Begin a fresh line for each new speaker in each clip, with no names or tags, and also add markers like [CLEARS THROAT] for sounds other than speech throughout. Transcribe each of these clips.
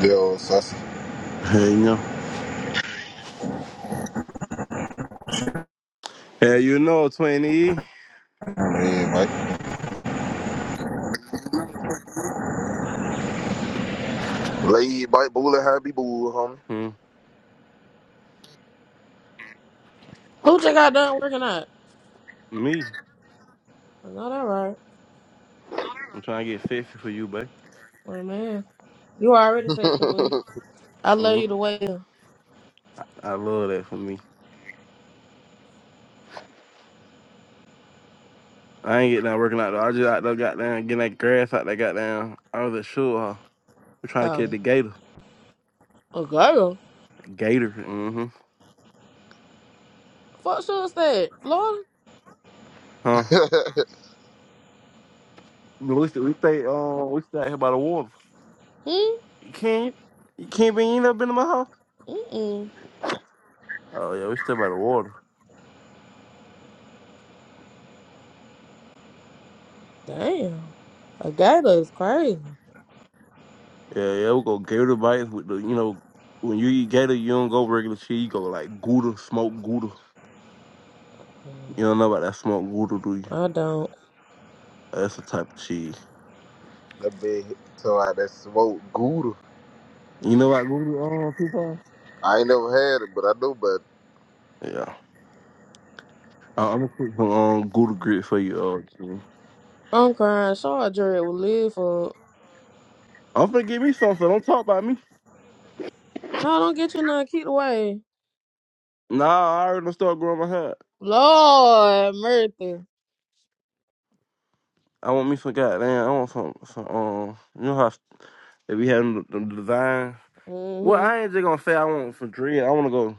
Yo, Sussy.
Hey, you know. Hey, you know, 20.
Hey, Mike. Lay Mike Boola, happy boo, homie.
Hmm.
Pooja got done working out.
Me.
I know that right.
I'm trying to get 50 for you, babe.
Well, man, you already said the boo.
[LAUGHS]
I love
hmm
you the way. you-
I love that for me. I ain't getting out working out though. I just out there got down, getting that grass out that got down. I was at sure. Huh? We're trying to catch
Um,
the gator.
a girl.
Gator. Mm-hmm.
Fuck sure said Florida.
Huh?
that
We stay, we stay, um, we stay out here by the water.
Hmm.
You can't, you can't be, you ain't never been to my house?
Mm-mm.
Oh, yeah, we stay by the water.
Damn. A gator is crazy.
Yeah, yeah, we go gator bites with the, you know, when you eat gator, you don't go regular cheese, you go like gouda, smoked gouda.
Mm,
You don't know about that smoked gouda, do you?
I don't.
That's the type of cheese.
big so I that smoke gouda.
You know what Gouda um coupons?
I ain't never had it, but I know better.
Yeah. I- I'm gonna put some um Gouda grit for you. Uh, Jimmy.
I'm crying. Sure, Jared will live for.
I'm finna give me something. Don't talk about me.
No, don't get you none. Keep away.
Nah, I already done start growing my hair.
Lord mercy.
I want me some goddamn. I want some some um. You know how if we having the, the design. Well,
Mm-hmm.
I ain't just gonna say I want some dread. I want to go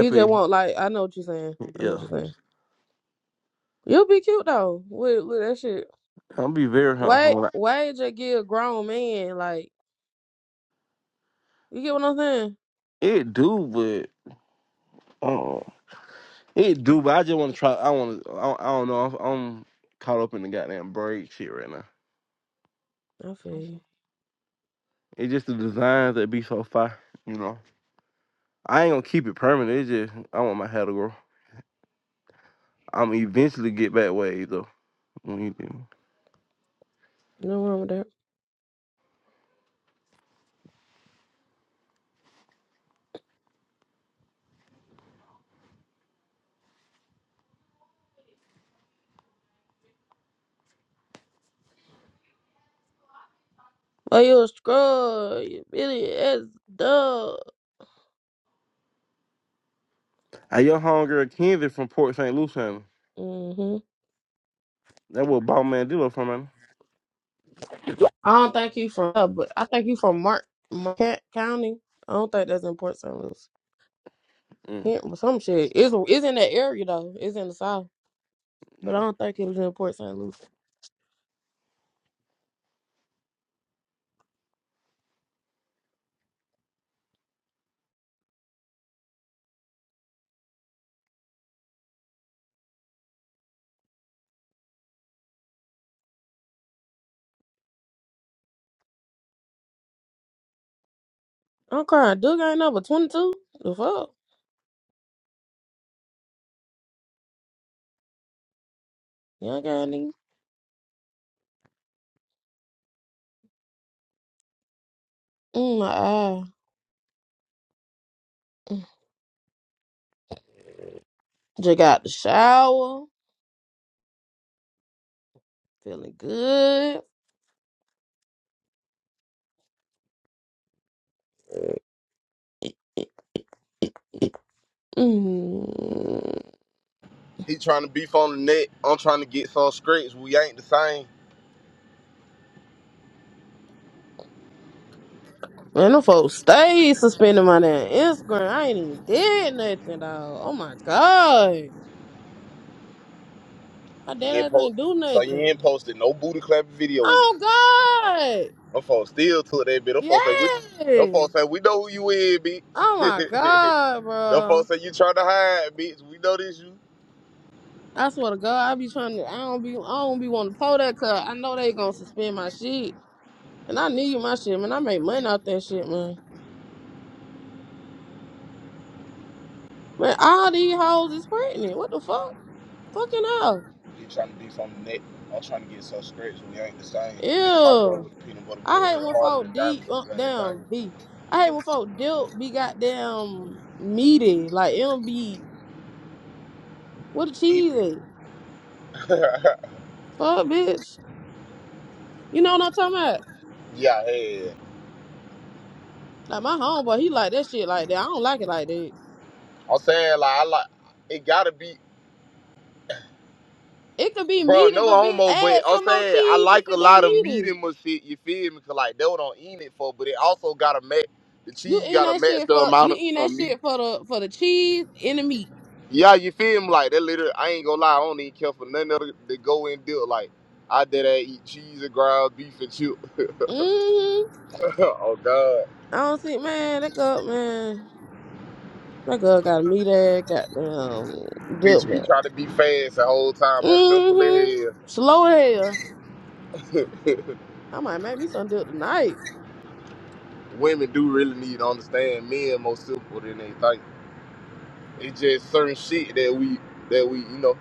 You just want like I know what you're saying. I know what
Yeah,
you're saying. You'll be cute though with with that shit.
I'm be very
Wait,
helpful.
wait to get a give grown man. Like, you get what I'm saying?
It do, but uh, it do. But I just want to try. I want to. I, I don't know. I'm, I'm caught up in the goddamn braid shit right now.
I feel you.
It's just the designs that be so fire, you know. I ain't gonna keep it permanent. It's just I want my hair to grow. I'm gonna eventually get back waves though. When you do.
No wrong with that. Oh, you a scrub. You really as dog.
I your homegirl Kenzie from Port St. Lucie. ain't
hmm
That what bought Mandela from man.
I don't think you from, uh, but I think you from Mark, Marquette County. I don't think that's in Port St. Louis.
Mm,
Hint- or Some shit. It's, it's in that area, though. It's in the South. But I don't
yeah.
think it was in Port St. Louis. I'm crying. Duke ain't number 22. The fuck? Young guy, nigga. Mm, my eye. Mm. Just got out the shower. Feeling good. Mm.
He trying to beef on the net. I'm trying to get some scrapes. We ain't the same.
And the folks stay suspending my damn Instagram. I ain't even did nothing though. Oh my god. My dad
You ain't
ass
post,
ain't do
so you ain't
nothing.
posted no booty clapping videos.
Oh god.
Them folks still to that bit. Them folks say we. Them
Yeah.
folks say we know who you is, bitch.
Oh my
[LAUGHS]
god,
Them
bro.
folks say you trying to hide, bitch. We know this you.
I swear to God, I be trying to I don't be I don't be wanting to pull that cause I know they gonna suspend my shit. And I need my shit, man. I make money off that shit, man. Man, all these hoes is pregnant. What the fuck? Fucking hell.
You trying to do something next. I'm trying to get some scratch. We ain't the same. Me and my girl
Ew.
with the peanut butter grill
I hate
hit
when
harder than
folk deep,
diamonds
uh,
than the
damn,
diamonds.
be. I hate when folk dilt be goddamn meaty. Like, it'll be, what the
Deep
cheese at?
it. [LAUGHS]
Fuck, bitch. You know what I'm talking about?
yeah, yeah.
Like, my homeboy, he like that shit like that. I don't like it like that.
I'm saying like I like it gotta be
It could be
bro,
meaty,
no
but bitch,
homo, but
add
I'm
some more
saying I
cheese if
like a
it that
lot of meat
meaty.
in my shit, you feel me? Cause like they don't eat it for, but it also gotta match the
You
cheese
eat
gotta
that
match
shit
the
for, you
amount of,
eat that
of meat.
shit for the, for the cheese and the meat.
Yeah, you feel me? Like that little I ain't gonna lie, I don't even care for nothing other to go and do like I did that eat cheese and ground beef and chip.
Mm-hmm.
[LAUGHS] oh god.
I don't see, man, that girl, man. That girl got a meat ass, goddamn
Bitch,
dip,
you
man.
be trying to be fast the whole time. I'm simple
hmm
as
Slow as hell.
hell.
I might make me some deal tonight.
[LAUGHS] Women do really need to understand men more simple than they think. It's just certain shit that we that we you know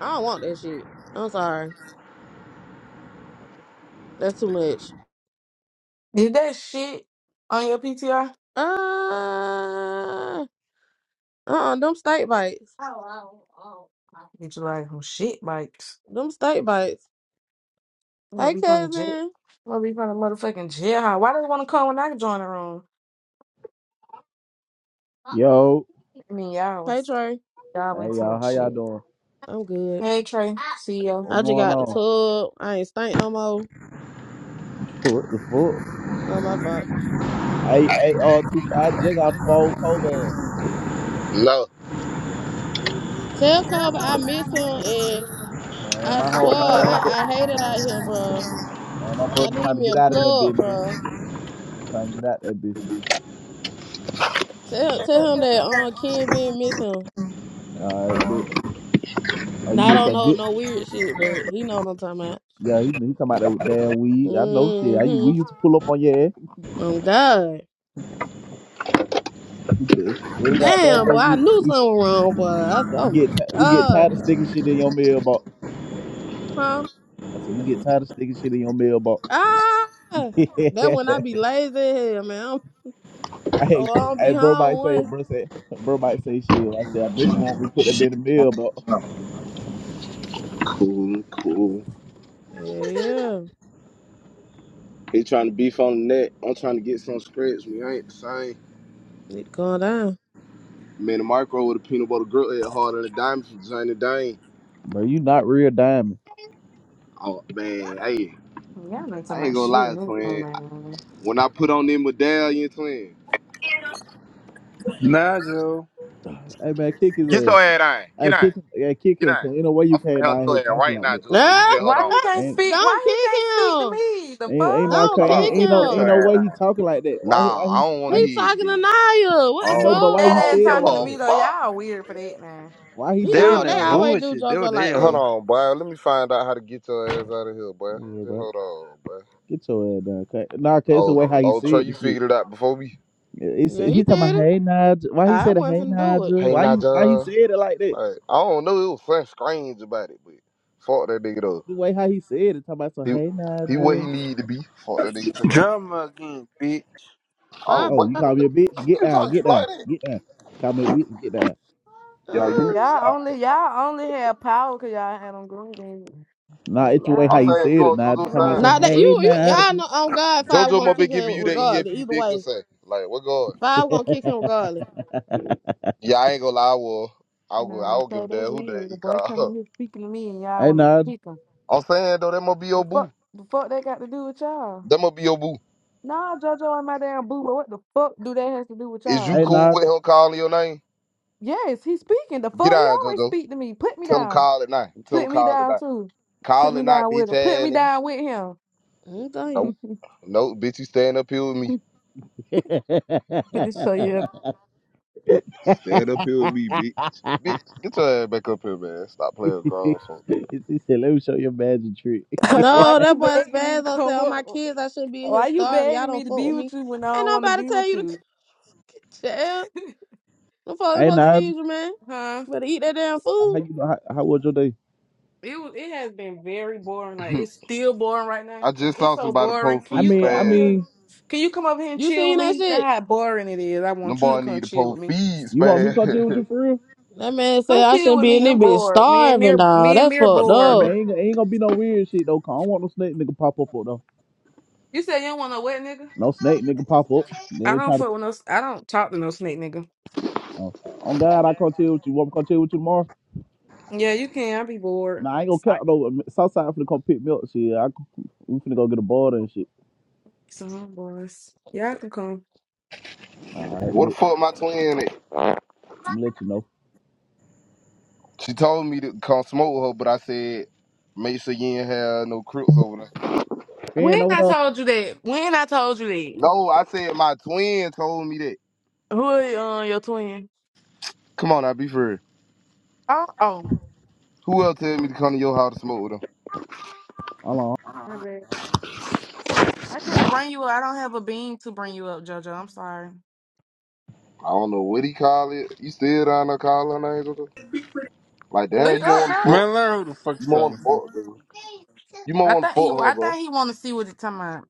I don't want that shit. I'm sorry. That's too much.
Did that shit on your PTR?
Uh, uh-uh, them steak bites.
Get you like some shit bikes.
Them steak bites.
I'm gonna
Hey,
be from the jet.
cousin.
I'm gonna be from the motherfucking jailhouse. Why they wanna come when I join the room?
Yo,
I mean, y'all
Hey,
was
Trey.
hey
y'all ain't talking
y'all,
about
how y'all
shit.
doing?
I'm good.
Hey Trey, see ya.
What's
I just
going
got the
on?
tub. I ain't stink no more.
[LAUGHS] what the fuck?
Well, my fault.
Hey, hey, all two five jig out fold Kobe.
love.
Yeah, yeah.
Tell Kobe I miss him and
man,
I
my home,
swear
man, my
I,
bro,
I hate it out here, bro.
man, my
I
brother
need
trying to
me
get
a
out of that bit,
plug,
man.
bro.
I'm trying to get out that bit.
Tell tell him that uh Ken been missing.
All right, bit. Oh, you
Now I
missed
don't
that
know
good?
no weird shit, but he know what I'm talking about.
Yeah, he, he come out there with damn weed. I know shit. I, we
Mm-hmm.
used to pull up on your ass.
Oh God.
[LAUGHS] Every goddamn
Damn,
day
boy, I
we
knew
we, s-
something was wrong, boy. I said,
we
oh my
get ti- we get tired
God,
of
dog.
sticking shit in your mailbox.
huh?
I said we get tired of sticking shit in your mailbox.
Ah, that when
[LAUGHS]
I be lazy, as hell, man. I'm,
[LAUGHS] Hey,
oh, I don't
hey,
be
bro
home
might say,
one.
bro say, bro might say shit. I said, I bet you want me to put that bit in the mill, but
Cool, cool.
Yeah, yeah.
He trying to beef on the net. I'm trying to get some scratch. Me, I ain't the same.
Need to calm down.
Man, the micro with a peanut butter grill head harder than a diamond from Johnny Dane.
bro, you not real diamond.
Oh man, hey,
Y'all ain't
I
talking
ain't
about
gonna
shit.
lie,
in this room,
twin.
man.
When I put on them medallion, twin,
Nigel,
Hey man, kick his
get your
ass.
head on,
Hey,
get on.
kick him. Hey, kick
Get
him.
down.
Cause ain't no way you
I'm
came
finna
down here
handle your ass
talking
right
like
now,
that.
Jojo. You
Ah!
just hold
[LAUGHS]
Why
on.
he can't
Ain't
speak?
don't
Why he
kick
can't speak to
him.
me? The
ain't ain't no
fuck?
ain't,
Don't
Hold
kick
on.
ain't no
Get
ain't
him.
no
your ass
way he
down.
talking like that. Why he why
Nah,
he
I don't want
why
to
He
he-
hear it,
talking to
Ben.
Naya.
I
What the
I know,
don't,
but
fuck?
why he
I
They ain't
don't
said
give
it
talking to
like
a
me
that?
though.
fuck.
Y'all weird for that, man.
Why he
He
they
said
on
all
it
they
that
like that?
always do
bullshit. They
JoJo
what they
like
Hold
that.
on.
on, boy. Let me find out how to get your ass out of here, boy.
Yeah,
Just
bro.
hold on, boy.
Get your ass down. Cause, nah, cause it's the
Oh,
way how he
oh, Trey,
said the
you
shit.
figured it out before me.
He
Yeah,
said,
he
he talking about
did it.
hey Nigel. Why he
I
said hey
wasn't finna do
Nigel?
Hey,
Why you why he
Naja.
said it like that?
Like, I don't know. It was something strange about it, but fuck that nigga though.
The way how he said it, talking about some,
He,
hey
he what he
Nigel.
need to be. Fuck that nigga too much.
Drama again, bitch.
it.
Oh,
Oh,
but
you call me a bitch? Get
you
down,
talking
get
to
down,
like that?
get down. Call me a bitch, get down.
Yeah, you.
Now
Y'all only y'all only have power 'cause y'all had on green beans.
Nah,
Like
it's the way how
I'm
y'all,
you
saying you
said it,
on
Nigel.
Jojo's
Talking about
side.
some,
nah.
that
hey
you you y'all
Nigel.
know on God five
JoJo
gonna
might be
kick
giving
him
you that
regardless.
EAP
Either
dick or
way,
say, like, what going?
five gonna
[LAUGHS]
kick him regardless.
Yeah, I ain't gonna lie, I will. I'll go. I
No,
don't give
so
a
that's
damn who that
weird.
he
The boy coming
call.
here speaking to me and y'all
Hey
want to
Nigel.
kick him.
[LAUGHS] I'm saying though, that must be
The
your
fuck,
boo.
the fuck that got to do with y'all?
That must be your boo.
Nah, JoJo and my damn boo, but what the fuck do that has to do with
Is you
y'all?
Hey
cool with
Nigel.
him calling your name?
Yes, he's speaking. The
Get
fuck, he
out,
always
JoJo.
speak to me. Put me
Tell him
down.
call at night. Tell him
Put me
call at
down
night.
too. Put
Call
me
at night,
down with
bitch
him. Put
ass
me
nigga.
down with him.
Okay.
Nope.
[LAUGHS]
Nope, bitch, you stand up here with me.
[LAUGHS] he
Put this show you.
Stand up here with me, bitch. Bitch, get your ass back up here, man. Stop playing with grown folk.
said, let me show you a magic trick. [LAUGHS]
[LAUGHS] Why
No,
you
that boy
begging me to
Spazzo said,
come
"All my
up?
kids, I shouldn't be in here
Why you
starving. Y'all
begging me
don't
to
fuck
be
with
with
me.
you when I
Ain't
don't want to
nobody
be
tell
with
you to cook
you?
[LAUGHS] it, child.
[LAUGHS]
Don't
hey
supposed to
Nigel,
feed you, man.
Huh?
You better eat that damn
how
food.
you how, how was your day?
It was, it has been very boring. Like
[LAUGHS]
it's still boring right now.
I just
It's
saw
so
somebody
boring.
post
Can
I
free
you
mean,
come
I
over
spam.
here?
mean,
Can you come over here and
You
chill
seen
with
that
me? That's
shit?
how boring it is. I
Them
want you to
boy
come
need to
chill with
post
me.
feed
you want me to come chill
spam.
with
[LAUGHS]
you for real?
That man said
Come
I
chill
shouldn't
with
be in
me.
this
I'm
bitch
bored. Me and
starving,
Mir,
dog.
me and
That's
Mir
fucked
Hey
bored.
man,
up.
ain't, ain't gonna be no weird shit though. 'cause I don't want no snake nigga pop up though.
You said you don't want no wet nigga.
No snake nigga pop up. Then
I
they
don't
try to
fuck with no. s- I don't talk to no snake nigga.
Oh, on God, I come chill with you. Want me to come chill with you tomorrow?
Yeah, you can. I be bored.
Nah, I ain't gonna
Sorry.
count no Southside finna come pick me up. Shit, I, we finna go get a border and shit.
So i Y'all can come.
All right,
What the
bitch.
fuck my twin at?
I'm gonna let you know.
She told me to come smoke with her, but I said, make sure you ain't have no crips over there.
Ben
When
over
I
there. Hold
told you that. When I told you that.
No, I said my twin told me that.
Who are uh, your twin?
Come on, I be for real.
Oh, oh,
Who else tell me to come to your house to smoke with him?
on. All
my bad. I can't bring you up. I don't have a bean to bring you up, JoJo. I'm sorry.
I don't know what he call it. You still down there calling her names or something? Like,
Oh, Nope.
damn,
he
you
up
want to
now?
fuck.
Man, learn who the fuck
You
you
want
talking
to
to.
fuck, dude. You
I
want to
think he.
fuck her,
I
bro.
think he want to see what it's talking about.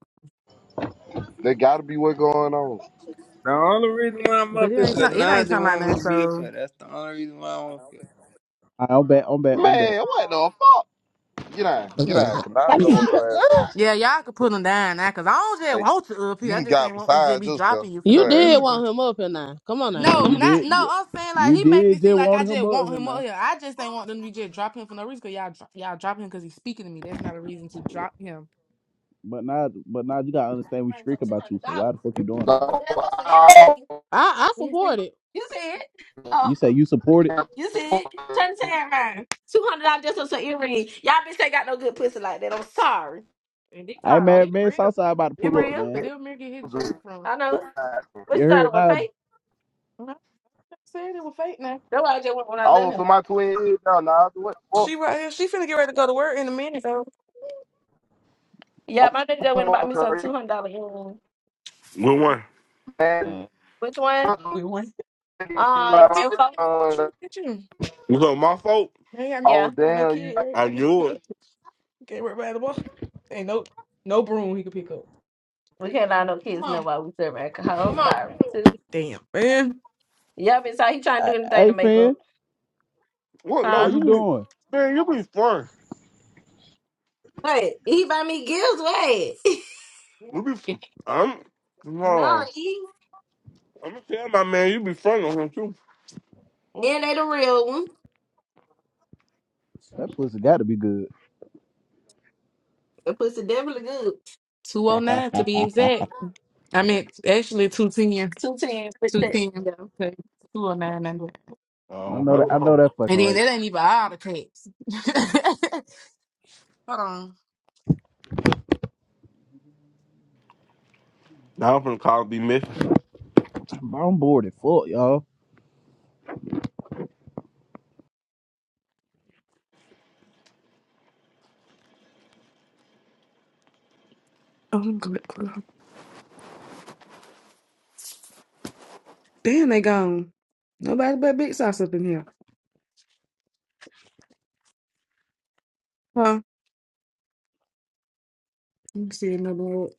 There gotta be what going on.
The only reason why I'm
But
up
it
here,
ain't.
cause
ta- It ain't
Nigel
talking about
want me
nothing.
to be up
So
here. That's the only reason why I'm up here.
right, I'm back. I'm back. I'm back.
Man, what the fuck? Get out, get out, cause I know what your ass up
yeah, y'all could put him down now. Cause I don't
to.
just
Like,
want you up here.
you
I
done
just ain't
got
want them to
beside
be
yourself.
dropping you for
Get
You
no
your
did
reason.
want him up here now. Come on now.
yeah,
No,
you
not
did.
no. I'm
Yeah,
saying like
you
he making
did.
it seem
Just
like
want
I
him
just
up
want
here
him up
now.
here. I just ain't want them to just drop him for no reason. Cause y'all dro- y'all dropping him because he's speaking to me. That's not a reason to drop him.
But now, but now you gotta understand we streak about you. So why the fuck you doing all
ass
that?
out. No,
I I
You see,
support it.
you see it.
You say
Oh,
you support it.
you see it. Turn the tag around. Two hundred dollars just on some earrings. Y'all bitch ain't got no good pussy like that. I'm sorry. And these
Hey
are oh,
man,
these
man,
real.
Southside about to
It
pull up,
real. But
man.
they'll make them hit history
Oh,
from. I know. What
You
you thought
heard
it was
now?
fake? No, I said it was fake now. That's why I just went when I left here.
so my twin yeah, no, no. What? What?
She right here. She finna get ready to go to work in a minute though.
I'm
Yeah, my daddy just went and bought me some two hundred dollar earrings.
Good one.
man.
Mm. Which one? We won. Uh, Can
like,
you info.
So
let me
uh,
shoot at you?
my fault.
They ain't got,
Oh
Yeah. they ain't got no
damn! you
I
kid.
knew it.
Can't work by the ball. Ain't no no broom he could pick up. We can't allow no
Come
kids know
on,
why we serve alcohol. I'm
come on.
sorry, too. Damn, man. Yeah, bitch, how he trying to
Hey,
do anything to
hey,
make up?
friend,
What?
how
No,
Huh?
you
you be
doing?
man. You be fun.
Wait, he buy me gifts. Wait,
You be.
[LAUGHS]
i I'm. No,
no, he.
I'm gonna tell my man. You be fun on him too.
Then they the real one.
That pussy got to be good.
The pussy definitely good. 209 to be exact. I meant actually 210. Two tens, but Two that, 210. yeah. Okay. 209 and that.
I
Oh,
know that. I know
okay.
that fucking
And then
right.
that ain't even all the cakes. [LAUGHS] Hold on.
Now I'm finna call be missing.
[CLEARS THROAT] But I'm bored as fuck, y'all.
Oh, I'm good. Damn, they gone. Nobody but Big Sauce up in here. Huh? You can see another one.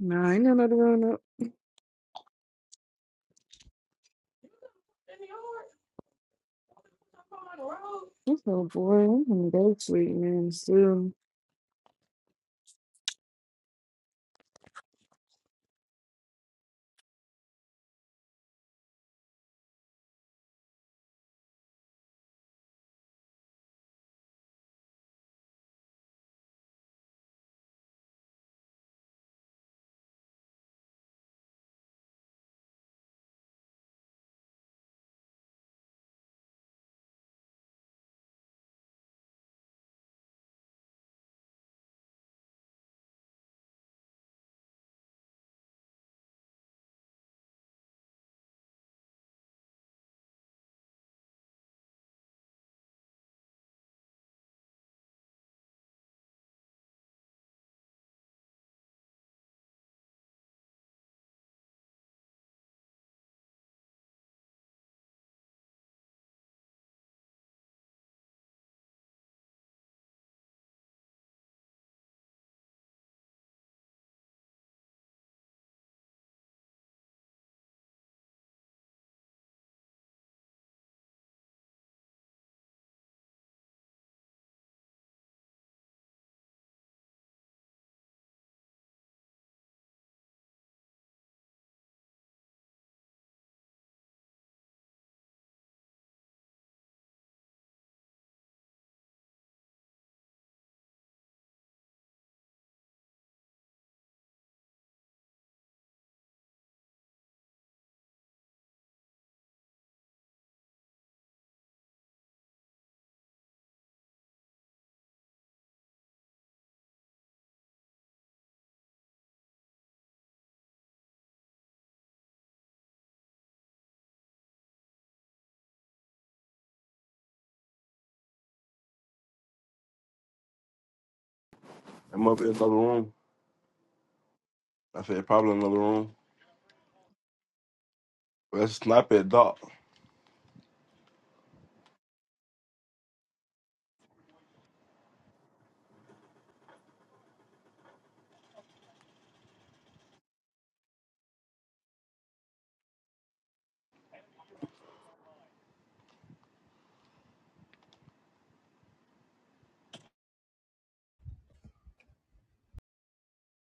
Nah, ain't another one up. This so boy, I'm gonna go sleep, man.
I'm up in another room. I said probably another room. Let's snap it, dog.